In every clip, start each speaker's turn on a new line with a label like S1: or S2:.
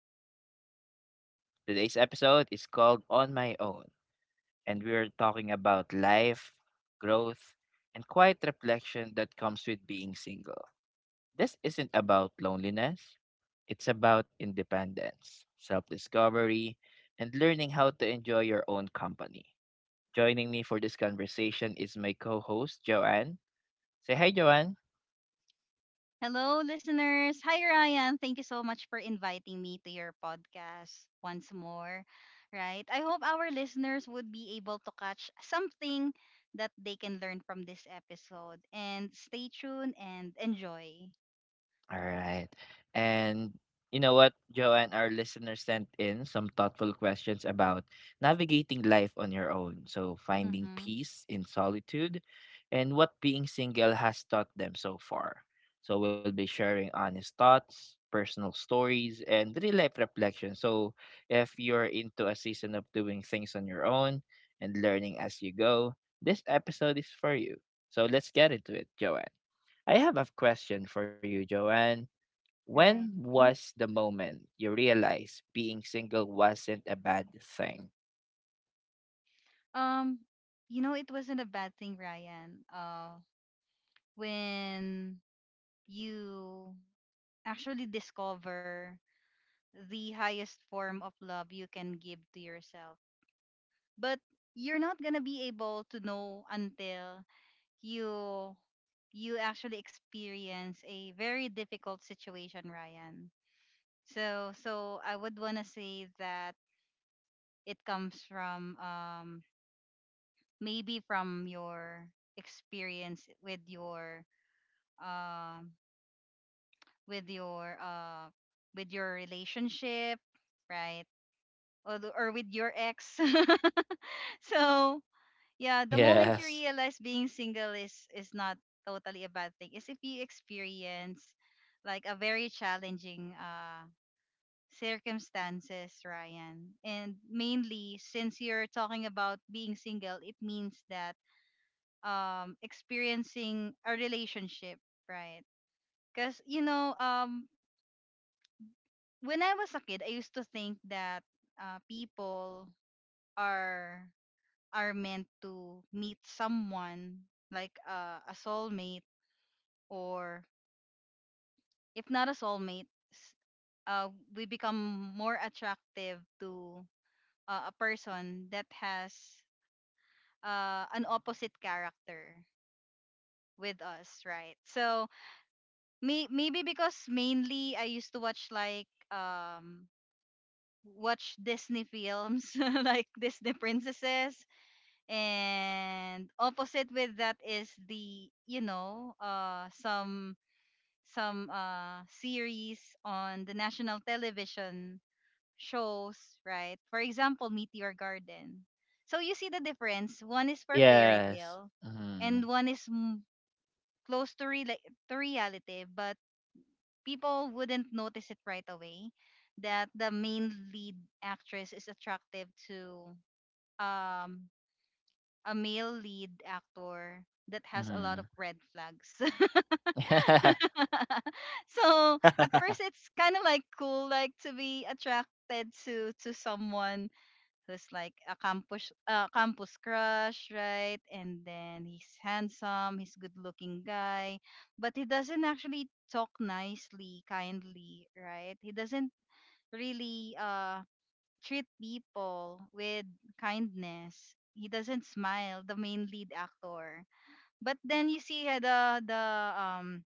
S1: to the podcast. Today's episode is called On My Own, and we are talking about life, growth, and quiet reflection that comes with being single. This isn't about loneliness, it's about independence, self discovery, and learning how to enjoy your own company. Joining me for this conversation is my co host, Joanne. Say hi, Joanne.
S2: Hello, listeners. Hi, Ryan. Thank you so much for inviting me to your podcast once more. Right? I hope our listeners would be able to catch something that they can learn from this episode. And stay tuned and enjoy.
S1: All right. And you know what, Joe and our listeners sent in some thoughtful questions about navigating life on your own. So, finding
S2: Mm-hmm.
S1: peace in solitude and what being single has taught them so far. So, we'll be sharing honest thoughts, personal stories, and real life reflections. So, if you're into a season of doing things on your own and learning as you go, this episode is for you. So, let's get into it, Joanne. I have a question for you, Joanne. When
S2: Right. Mhm.
S1: was the moment you realized being single wasn't a bad thing?
S2: Um, it wasn't a bad thing, Ryan. When you actually discover the highest form of love you can give to yourself, but you're not gonna be able to know until you you actually experience a very difficult situation, Ryan. So I would wanna say that it comes from maybe from your experience um with your uh with your relationship, right? Or, or with your ex. So yeah, the moment you
S1: Yes.
S2: realize being single is not totally a bad thing is if you experience like a very challenging circumstances, Ryan. And mainly since you're talking about being single, it means that experiencing a relationship, right? Cuz when I was a kid, I used to think that people are are meant to meet someone like a soulmate, or if not a soulmate, s- uh, we become more attractive to a person that has an opposite character with us, right? So maybe because mainly I used to watch watch Disney films like Disney princesses, and opposite with that is the some series on the national television shows, right? For example, Meteor Garden. So you see the difference. One is for fairy
S1: Yes.
S2: tale,
S1: Mm-hmm.
S2: and one is close to to reality, but people wouldn't notice it right away that the main lead actress is attractive to um a male lead actor that has a lot
S1: Mm-hmm.
S2: of red flags. So at first it's kind of like cool, like to be attracted to someone who's like a campus crush, right? And then he's handsome, he's good looking guy, but he doesn't actually talk nicely, kindly, right? He doesn't really treat people with kindness. He doesn't smile, the main lead actor. But then you see the um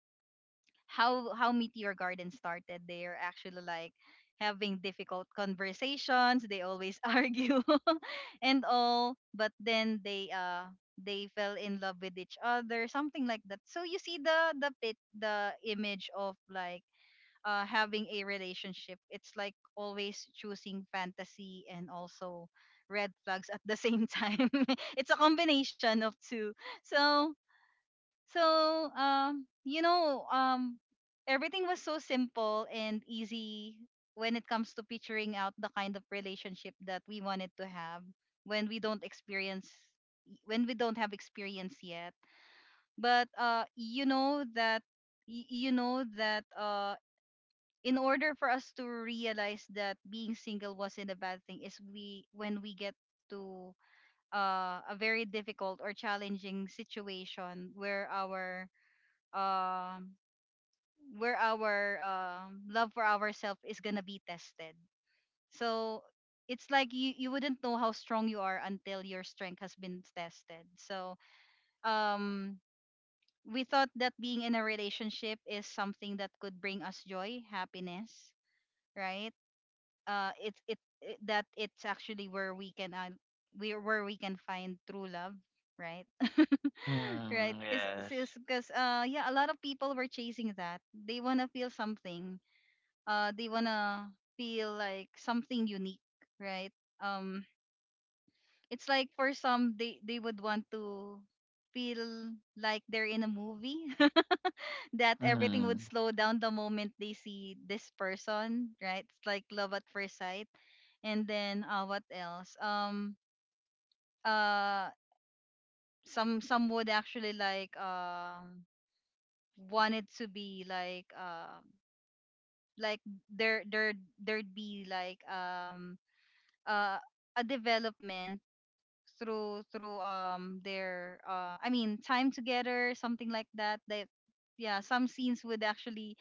S2: how Meteor Garden started. They are actually like having difficult conversations. They always argue and all, but then they fell in love with each other, something like that. So you see the image of having a relationship. It's like always choosing fantasy and also red flags at the same time. It's a combination of two. So so, everything was so simple and easy when it comes to picturing out the kind of relationship that we wanted to have when we don't experience when we don't have experience yet. But you know that in order for us to realize that being single wasn't a bad thing is we when we get to a very difficult or challenging situation um where our love for ourselves is gonna be tested. So it's like you wouldn't know how strong you are until your strength has been tested. So um we thought that being in a relationship is something that could bring us joy, happiness, right? It's it, it that It's actually where we can where we can find true love, right? Right,
S1: mm,
S2: because
S1: yes.
S2: yeah, a lot of people were chasing that they want to feel something. They want to feel like something unique, right? um it's like for some, they would want to feel like they're in a movie that everything would
S1: Mm-hmm.
S2: slow down the moment they see this person, right? It's like love at first sight. And then what else? Uh some would actually like want it to be like like there there'd be like uh a development through their I mean time together, something like that, yeah, some scenes would actually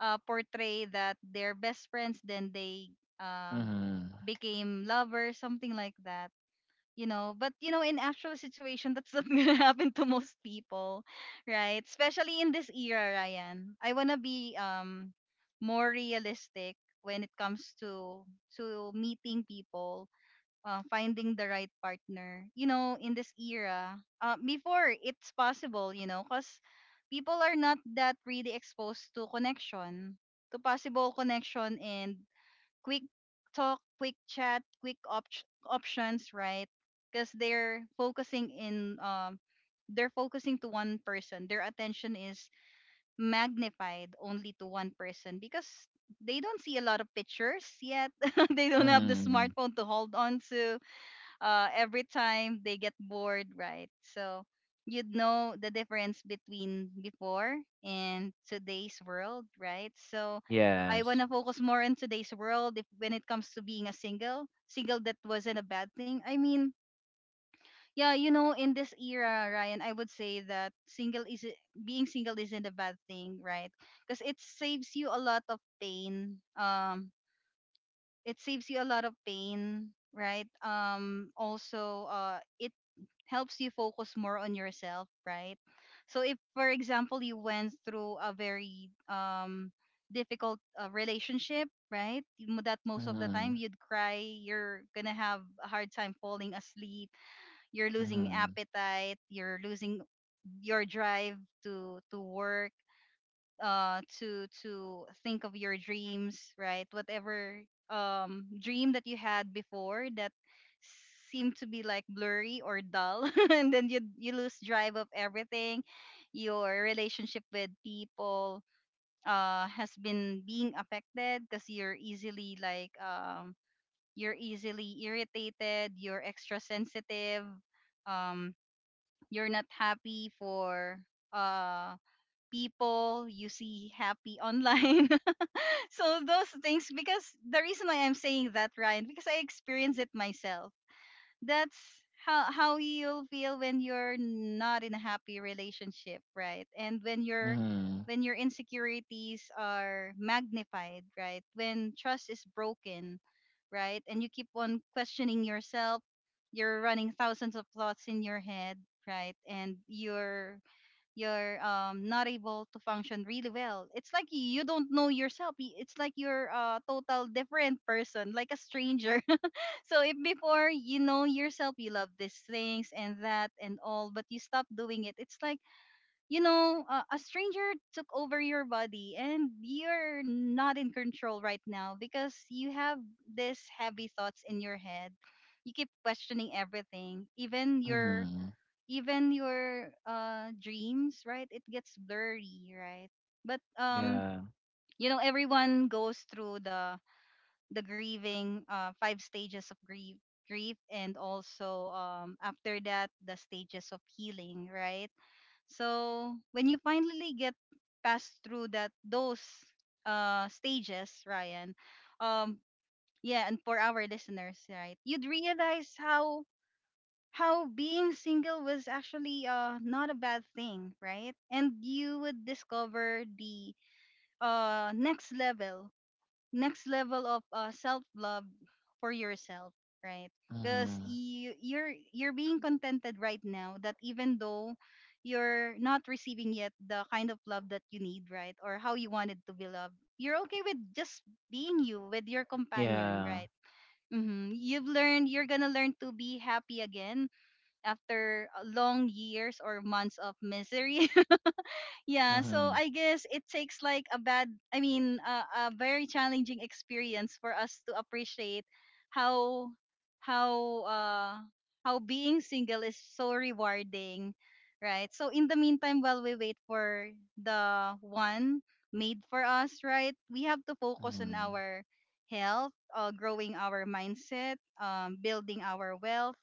S2: portray that they're best friends, then they um became lovers, something like that. But in actual situation, that's not gonna happen to most people, right? Especially in this era, Ryan, I wanna be more realistic when it comes to meeting people, finding the right partner. In this era, before it's possible, because people are not that really exposed to connection, to possible connection and quick talk, quick chat, quick options, right? Because they're focusing to one person. Their attention is magnified only to one person because they don't see a lot of pictures yet. They don't
S1: Mm-hmm.
S2: have the
S1: Mm-hmm.
S2: smartphone to hold on to, every time they get bored, right? So you'd know the difference between before and today's world, right? So I want
S1: Yes.
S2: to focus more on today's world if when it comes to being a single. Single that wasn't a bad thing. I mean, yeah, in this era, Ryan, I would say that single is being single isn't a bad thing, right? Because it saves you a lot of pain. It saves you a lot of pain, right? Also, it helps you focus more on yourself, right? So if, for example, you went through a very difficult relationship, right? That most of the
S1: Mm-hmm.
S2: time you'd cry, you're gonna have a hard time falling asleep, you're losing
S1: Mm-hmm.
S2: appetite, you're losing your drive to work, to think of your dreams, right? Whatever dream that you had before that seemed to be like blurry or dull, and then you lose drive of everything. Your relationship with people has been being affected because you're easily irritated, you're extra sensitive, um you're not happy for uh people you see happy online. So those things, because the reason why I'm saying that, Ryan, because I experience it myself. That's how you'll feel when you're not in a happy relationship, right? And
S1: Mm-hmm.
S2: when your insecurities are magnified, right? When trust is broken, right? And you keep on questioning yourself, you're running thousands of thoughts in your head, right? And you're not able to function really well. It's like you don't know yourself, it's like you're a total different person, like a stranger. So if before you know yourself, you love these things and that and all, but you stop doing it, it's like a stranger took over your body, and you're not in control right now because you have these heavy thoughts in your head. You keep questioning everything, even your
S1: Mm-hmm.
S2: even your uh dreams, right? It gets blurry, right? But
S1: Yeah.
S2: everyone goes through the grieving five stages of grief, and also after that the stages of healing, right? So when you finally get past through that those stages, Ryan, um yeah, and for our listeners, right? You'd realize how being single was actually not a bad thing, right? And you would discover the uh next level, next level of self love for yourself, right? Because
S1: Mm-hmm.
S2: you're being contented right now that, even though you're not receiving yet the kind of love that you need, right? Or how you wanted to be loved. You're okay with just being you with your companion,
S1: Yeah.
S2: right? Mm-hmm. You're gonna learn to be happy again after long years or months of misery. Yeah, so
S1: Mm-hmm.
S2: I guess it takes like a bad, I mean, a very challenging experience for us to appreciate how how uh how being single is so rewarding, right? So, in the meantime, while we wait for the one made for us, right? We have to focus on
S1: Mm-hmm.
S2: our health, growing our mindset, building our wealth,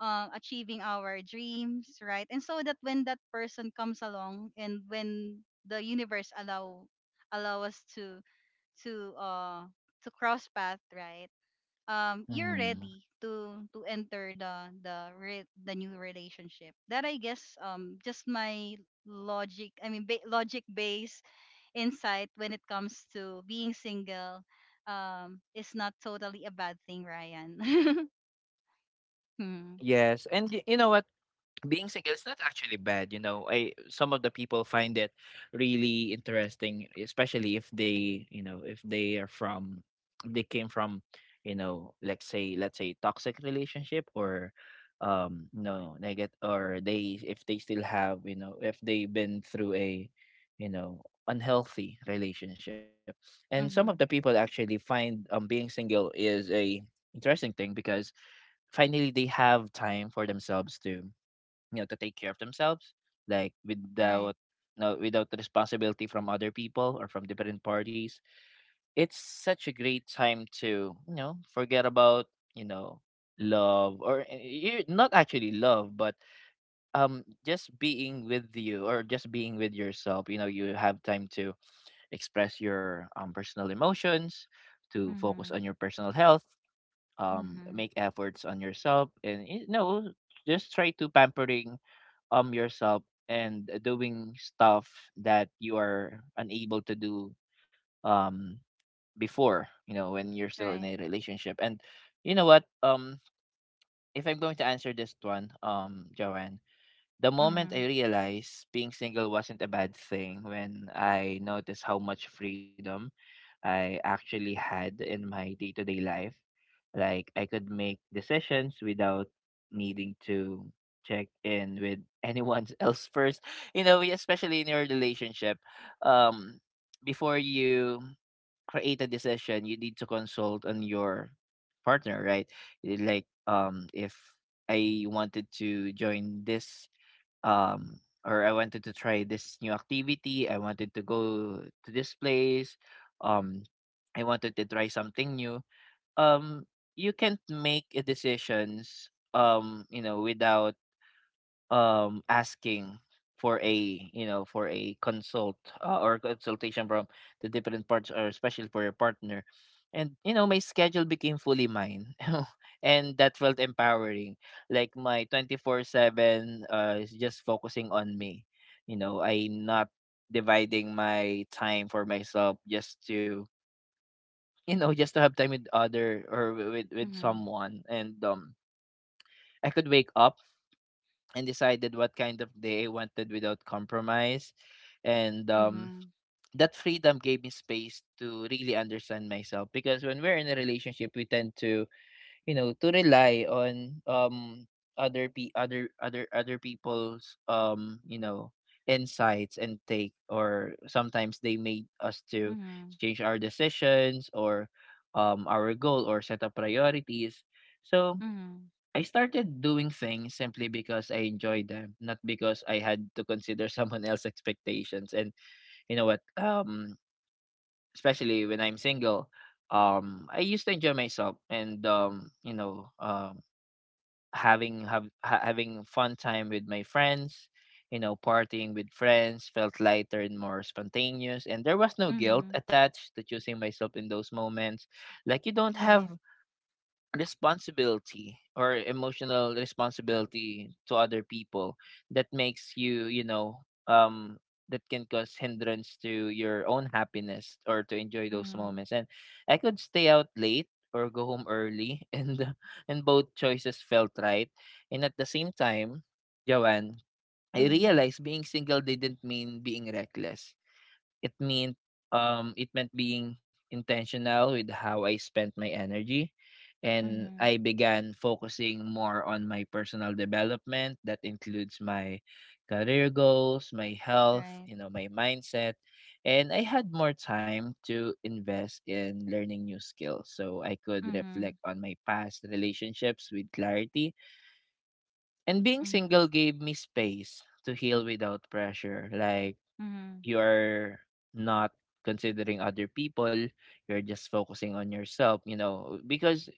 S2: achieving our dreams, right? And so that when that person comes along, and when the universe allow us to uh to cross path, right? You're
S1: Mm-hmm.
S2: ready to enter the new relationship. That, I guess, just my logic. I mean logic based insight when it comes to being single. Is not totally a bad thing, Ryan.
S1: Yes. And you know what? Being single is not actually bad. I some of the people find it really interesting, especially if they, you know, if they are from, they came from, you know, let's say, toxic relationship, or no, negative, or they, if they still have, you know, if they've been through a, you know, unhealthy relationship. And some
S2: Mm-hmm.
S1: of the people actually find being single is a interesting thing because finally they have time for themselves to, you know, to take care of themselves, like
S2: Right.
S1: without, no without the responsibility from other people or from different parties. It's such a great time to, you know, forget about, you know, love, or you, not actually love, but just being with you or just being with yourself. You know, you have time to express your personal emotions, to focus on
S2: Mhm.
S1: your personal health,
S2: Mhm.
S1: make efforts on yourself, and, you know, just try to pampering yourself and doing stuff that you are unable to do um before, you know, when you're still in a
S2: Right.
S1: relationship. And you know what, if I'm going to answer this one, Joanne, the moment I
S2: Mhm.
S1: realized being single wasn't a bad thing, when I noticed how much freedom I actually had in my day-to-day life. Like, I could make decisions without needing to check in with anyone else first. You know, especially in your relationship, um, before you create a decision, you need to consult on your partner, right? Like, if I wanted to join this, um or I wanted to try this new activity, I wanted to go to this place, um I wanted to try something new. um you can't make a decisions, you know, without asking for a, you know, for a consult, or consultation from the different parts, or especially for your partner. And, you know, my schedule became fully mine, and that felt empowering. Like, my 24/7 is just focusing on me. You know, I'm not dividing my time for myself just to, you know, just to have time with other, or with
S2: Mhm.
S1: someone. And I could wake up and decided what kind of day I wanted without compromise. And
S2: Mhm.
S1: that freedom gave me space to really understand myself, because when we're in a relationship, we tend to, you know, to rely on other pe other other other people's, you know, insights and take, or sometimes they made us to
S2: Mhm.
S1: change our decisions, or our goal, or set up priorities. So
S2: Mhm.
S1: I started doing things simply because I enjoyed them, not because I had to consider someone else's expectations. And you know what, especially when I'm single, I used to enjoy myself, and you know, having fun time with my friends. You know, partying with friends felt lighter and more spontaneous, and there was no guilt
S2: Mhm.
S1: attached to choosing myself in those moments. Like, you don't have
S2: Right.
S1: responsibility or emotional responsibility to other people, that makes you, you know, um that can cause hindrance to your own happiness or to enjoy those
S2: Mhm.
S1: moments. And I could stay out late or go home early, and both choices felt right. And at the same time, Joanne, I
S2: Mhm.
S1: realized being single didn't mean being reckless. It meant, it meant being intentional with how I spent my energy. And
S2: Mhm.
S1: I began focusing more on my personal development, that includes my career goals, my health, you
S2: Right.
S1: know, my mindset, and I had more time to invest in learning new skills, so I could
S2: Mhm.
S1: reflect on my past relationships with clarity. And being
S2: Mhm.
S1: single gave me space to heal without pressure. Like,
S2: Mhm.
S1: you are not considering other people, you're just focusing on yourself. You know, because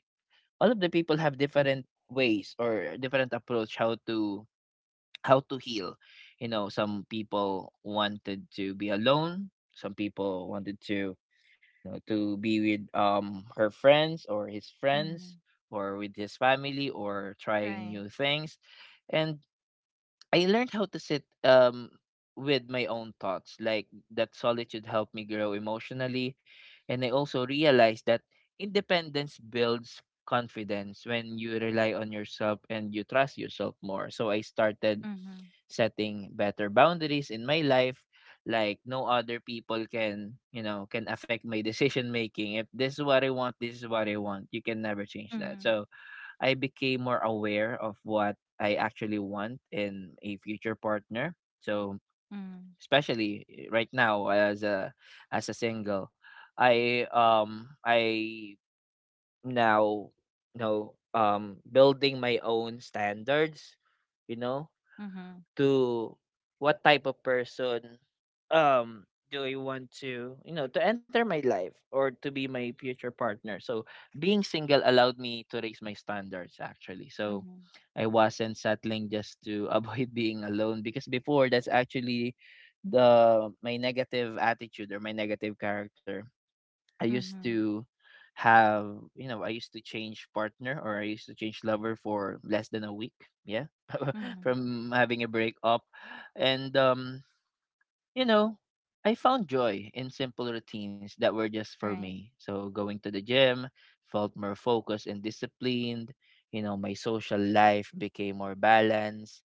S1: all of the people have different ways, or different approach, how to, heal. You know, some people wanted to be alone, some people wanted to, you know, to be with her friends or his friends,
S2: Mhm.
S1: or with his family, or trying
S2: Right.
S1: new things. And I learned how to sit with my own thoughts. Like, that solitude helped me grow emotionally. And I also realized that independence builds confidence when you rely on yourself and you trust yourself more. So I started
S2: Mhm.
S1: setting better boundaries in my life. Like, no other people can, you know, can affect my decision making. If this is what I want, this is what I want. You can never change that.
S2: Mhm.
S1: So I became more aware of what I actually want in a future partner. So,
S2: Mhm.
S1: especially right now as a, as a single, I now, you know, building my own standards, you know,
S2: Mhm.
S1: to what type of person, um do I want to, you know, to enter my life or to be my future partner. So being single allowed me to raise my standards actually. So
S2: Mhm.
S1: I wasn't settling just to avoid being alone, because before, that's actually the my negative attitude or my negative character I used
S2: Mhm.
S1: to have. You know, I used to change partner, or I used to change lover for less than a week. Yeah.
S2: Mhm.
S1: From having a breakup. And, you know, I found joy in simple routines that were just for
S2: Right.
S1: me. So going to the gym felt more focused and disciplined. You know, my social life became more balanced,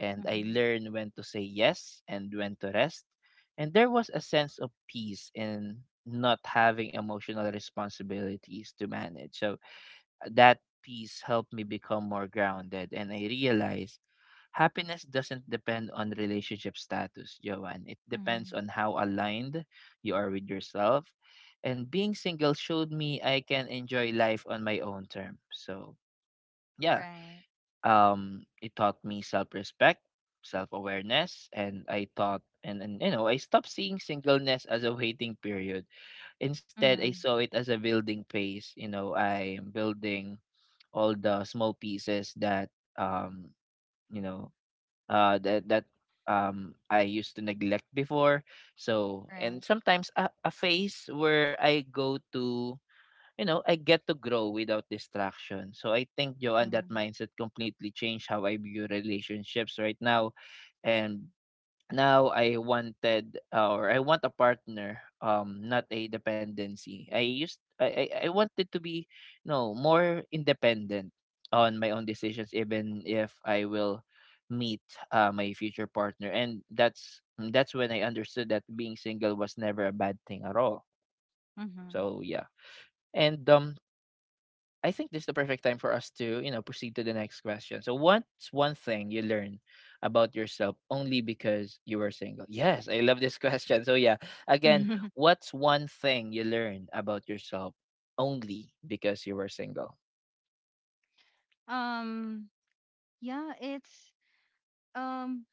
S1: and I
S2: Mhm.
S1: learned when to say yes and when to rest. And there was a sense of peace in not having emotional responsibilities to manage. So that peace helped me become more grounded, and I realized happiness doesn't depend on relationship status, Joanne. It depends
S2: Mhm.
S1: on how aligned you are with yourself. And being single showed me I can enjoy life on my own terms. So, yeah,
S2: Right.
S1: it taught me self-respect, self-awareness, and I thought, and you know, I stopped seeing singleness as a waiting period. Instead, I
S2: Mhm.
S1: saw it as a building phase. You know, I am building all the small pieces that, um, you know, that that I used to neglect before. So,
S2: Right.
S1: and sometimes a phase where I go to, you know, I get to grow without distraction. So I think, Joanne, that
S2: Mhm.
S1: mindset completely changed how I view relationships right now. And now I wanted or I want a partner, not a dependency. I used I wanted to be, you know, more independent on my own decisions, even if I will meet my future partner. And that's when I understood that being single was never a bad thing at all. So yeah.
S2: Mhm.
S1: And I think this is the perfect time for us to, you know, proceed to the next question. So, what's one thing you learn about yourself only because you were single? Yes, I love this question. So, yeah, again, what's one thing you learned about yourself only because you were single?
S2: Um. Yeah. It's um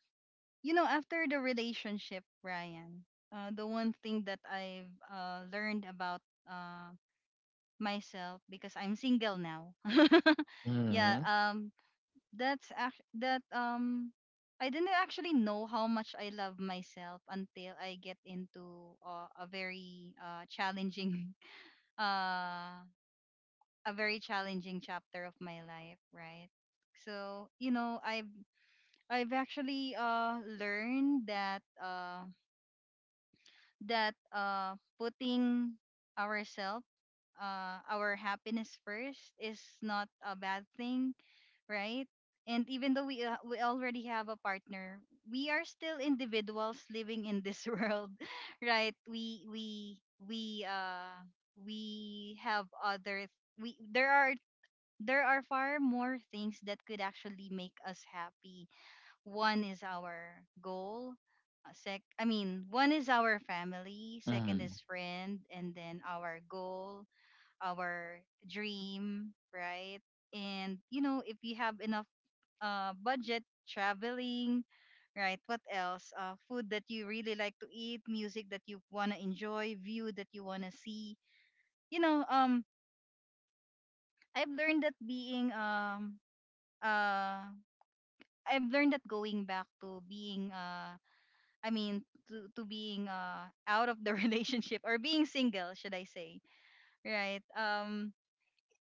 S2: after the relationship, Ryan, the one thing that I've learned about uh, myself because I'm single now. Yeah,
S1: Mm-hmm.
S2: that's act- that I didn't actually know how much I love myself until I get into a very challenging uh, a very challenging chapter of my life, right? So I've actually learned that. That putting ourselves, our happiness first, is not a bad thing, right? And even though we already have a partner, we are still individuals living in this world, right? We uh we have other we there are There are far more things that could actually make us happy. One is our goal. One is our family, second
S1: Mm-hmm.
S2: is friend, and then our goal, our dream, right? And if you have enough budget, traveling, right? What else? Food that you really like to eat, music that you wanna enjoy, view that you wanna see. You know, I've learned that being uh I've learned that going back to being I mean, to being out of the relationship, or being single, should I say, right? Um,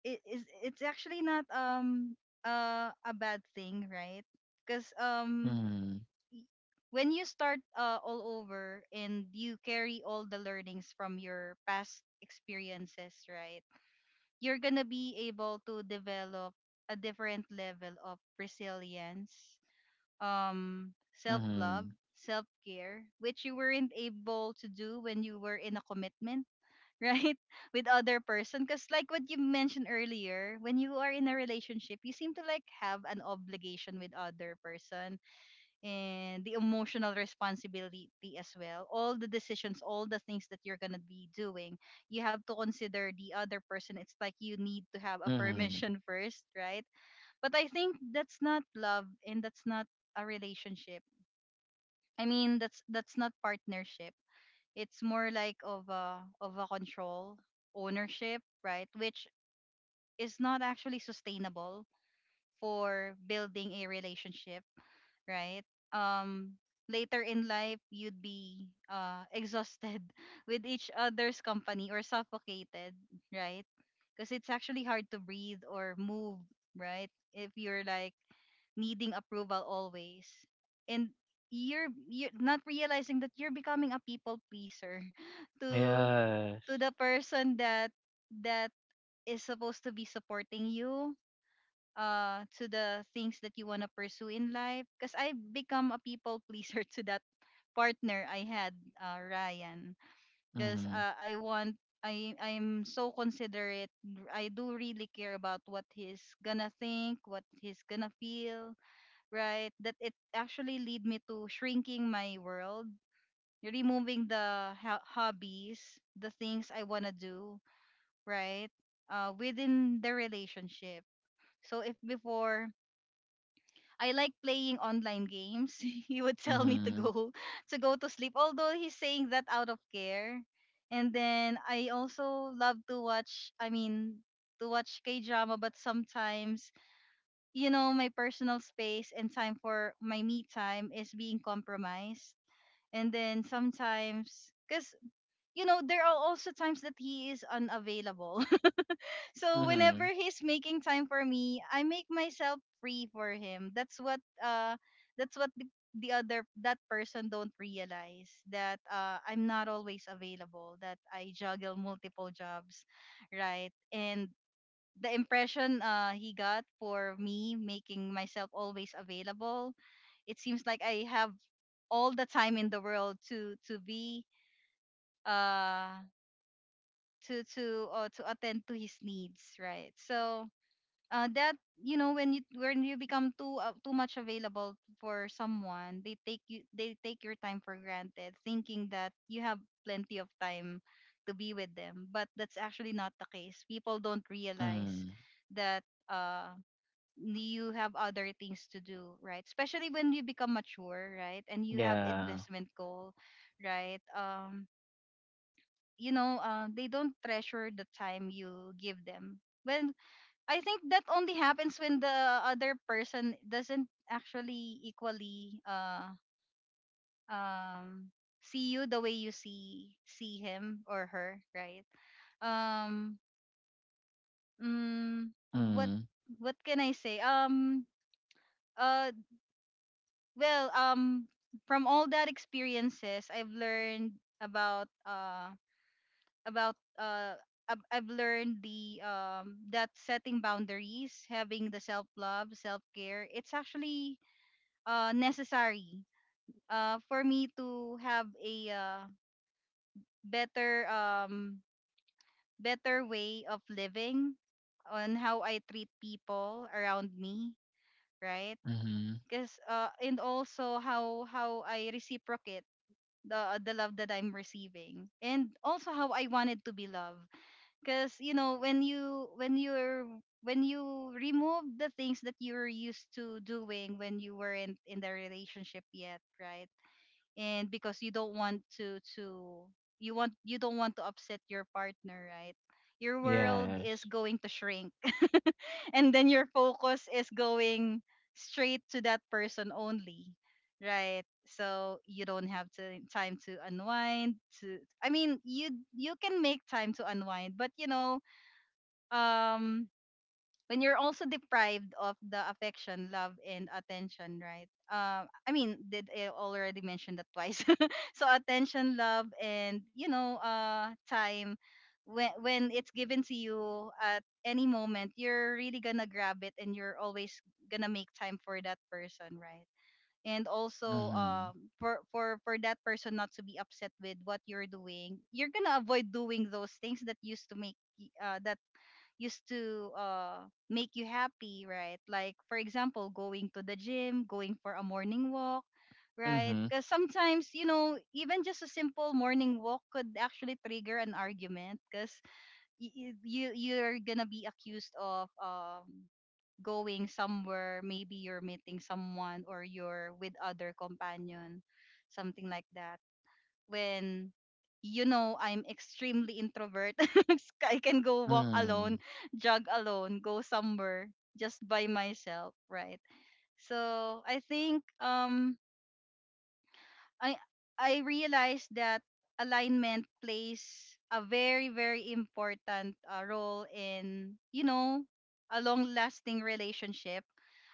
S2: it is It's actually not a bad thing, right? Because um
S1: Mm-hmm.
S2: y- when you start all over and you carry all the learnings from your past experiences, right? You're gonna be able to develop a different level of resilience, self love,
S1: Mm-hmm.
S2: self care, which you weren't able to do when you were in a commitment. Right? With other person, because like what you mentioned earlier, when you are in a relationship you seem to like have an obligation with other person, and the emotional responsibility as well. All the decisions, all the things that you're going to be doing, you have to consider the other person. It's like you need to have a
S1: Mhm.
S2: permission first, right? But I think that's not love and that's not a relationship. I mean, that's not partnership. It's more like of a control, ownership, right? Which is not actually sustainable for building a relationship, right? Um, Later in life, you'd be exhausted with each other's company, or suffocated, right? Because it's actually hard to breathe or move, right? If you're like needing approval always, and you're not realizing that you're becoming a people pleaser to to
S1: Yes.
S2: the person that that is supposed to be supporting you, to the things that you want to pursue in life. Because I become a people pleaser to that partner I had, Ryan. Because
S1: Mhm.
S2: I want I'm so considerate. I do really care about what he's gonna think, what he's gonna feel, right? That it actually lead me to shrinking my world, removing the hobbies, the things I want to do, right? Within the relationship. So if before I like playing online games, he would tell me to
S1: Mhm.
S2: go to go to sleep. Although he's saying that out of care. And then I also love to watch. I mean, to watch K drama, but sometimes my personal space and time for my me time is being compromised. And then sometimes, because, there are also times that he is unavailable. So
S1: Mhm.
S2: whenever he's making time for me, I make myself free for him. That's what, that's what the, the other, that person don't realize that, I'm not always available, that I juggle multiple jobs, right? And the impression he got for me making myself always available, it seems like I have all the time in the world to be uh to attend to his needs, right? So that when you become too much available for someone, they take your time for granted, thinking that you have plenty of time to be with them. But that's actually not the case. People don't realize
S1: Mhm.
S2: that uh you have other things to do, right? Especially when you become mature, right? And you have
S1: Yeah.
S2: investment goal, right? They don't treasure the time you give them. When I think that only happens when the other person doesn't actually equally um see you the way you see him or her, right? Um, mm, what
S1: Mhm.
S2: what can I say? Uh Well, from all that experiences, I've learned about uh about I've learned the that setting boundaries, having the self love, self care, it's actually necessary for me to have a, better, better way of living, on how I treat people around me, right?
S1: Mhm.
S2: Because, and also, how I reciprocate the love that I'm receiving, and also how I wanted to be loved. Because when you when you're when you remove the things that you were used to doing when you weren't in the relationship yet, right? And because you want you don't want to upset your partner, right? Your world is
S1: Yes.
S2: going to shrink, and then your focus is going straight to that person only, right? So you don't have to, time to unwind, to I mean, you can make time to unwind. But um when you're also deprived of the affection, love, and attention, right? I mean, did I already mention that twice? So attention, love, and time. When it's given to you at any moment, you're really gonna grab it, and you're always gonna make time for that person, right? And also,
S1: Mhm.
S2: for for that person not to be upset with what you're doing, you're gonna avoid doing those things that used to make y- that used to make you happy, right? Like for example, going to the gym, going for a morning walk, right?
S1: Mhm.
S2: Because sometimes even just a simple morning walk could actually trigger an argument, because you you're gonna be accused of going somewhere, maybe you're meeting someone, or you're with other companion, something like that. When I'm extremely introvert. I can go walk
S1: Mhm.
S2: alone, jog alone, go somewhere just by myself, right? So I think I I realized that alignment plays a very, very important role in, a long lasting relationship.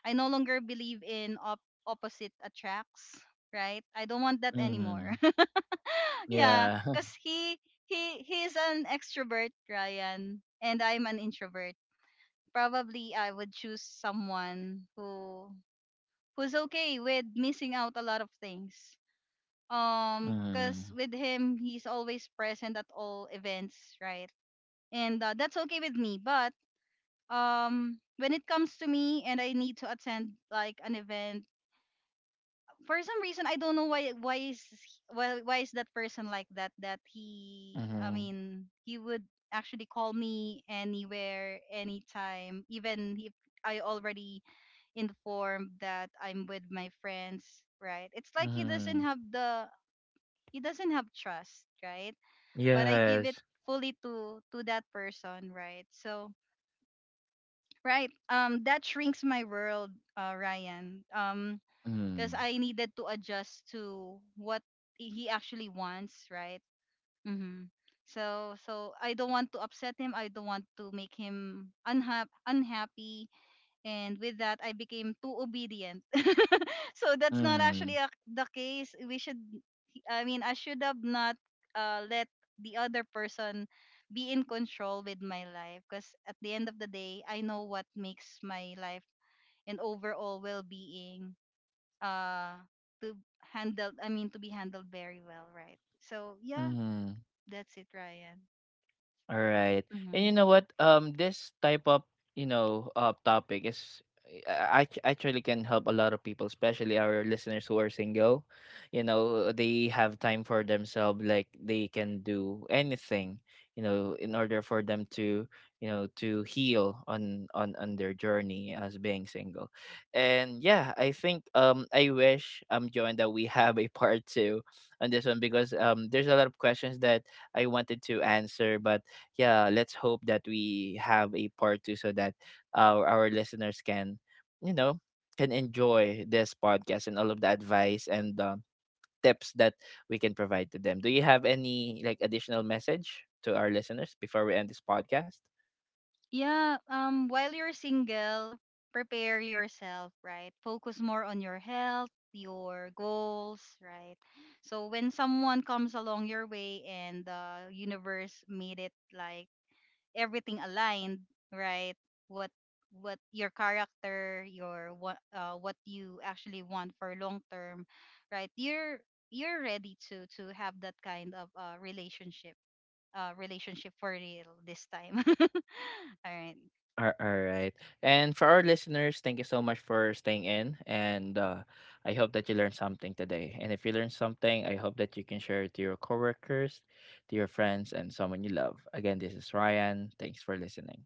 S2: I no longer believe in opposite attracts, right? I don't want that anymore.
S1: Mhm.
S2: Yeah,
S1: Yeah.
S2: because he is an extrovert, Ryan, and I'm an introvert. Probably I would choose someone who's okay with missing out a lot of things. Because
S1: Mhm.
S2: with him, he's always present at all events, right? And that's okay with me. But when it comes to me and I need to attend like an event, for some reason I don't know why is that person like that, that he I
S1: Mhm.
S2: mean he would actually call me anywhere, anytime, even if I already informed that I'm with my friends, right? It's like
S1: Mhm.
S2: he doesn't have trust, right? But I give it
S1: Yes.
S2: fully to that person, right? So right, that shrinks my world, Ryan,
S1: Mhm.
S2: because I needed to adjust to what he actually wants, right? hmm So I don't want to upset him. I don't want to make him unhappy. And with that, I became too obedient. So that's not actually
S1: Mhm.
S2: the case. We should, I mean, I should have not let the other person be in control with my life. Because at the end of the day, I know what makes my life and overall well-being uh to handle I mean to be handled very well, right? So yeah,
S1: Mhm.
S2: that's it, Ryan.
S1: All right. And
S2: Mm-hmm.
S1: you know what? This type of, you know, topic is I actually can help a lot of people, especially our listeners who are single. You know, they have time for themselves, like they can do anything, you know, in order for them to, you know, to heal on their journey as being single. And yeah, I think I wish Joan that we have a part two on this one, because there's a lot of questions that I wanted to answer, but yeah, let's hope that we have a part two so that our listeners can, you know, can enjoy this podcast and all of the advice and tips that we can provide to them. Do you have any like additional message to our listeners before we end this podcast?
S2: Yeah, while you're single, prepare yourself, right? Focus more on your health, your goals, right? So when someone comes along your way and the universe made it like everything aligned, right? What what your character, your what you actually want for long term, right? You're ready to have that kind of, relationship for real this time. All right.
S1: All right. And for our listeners, thank you so much for staying in. And I hope that you learned something today. And if you learned something, I hope that you can share it to your coworkers, to your friends, and someone you love. Again, this is Ryan. Thanks for listening.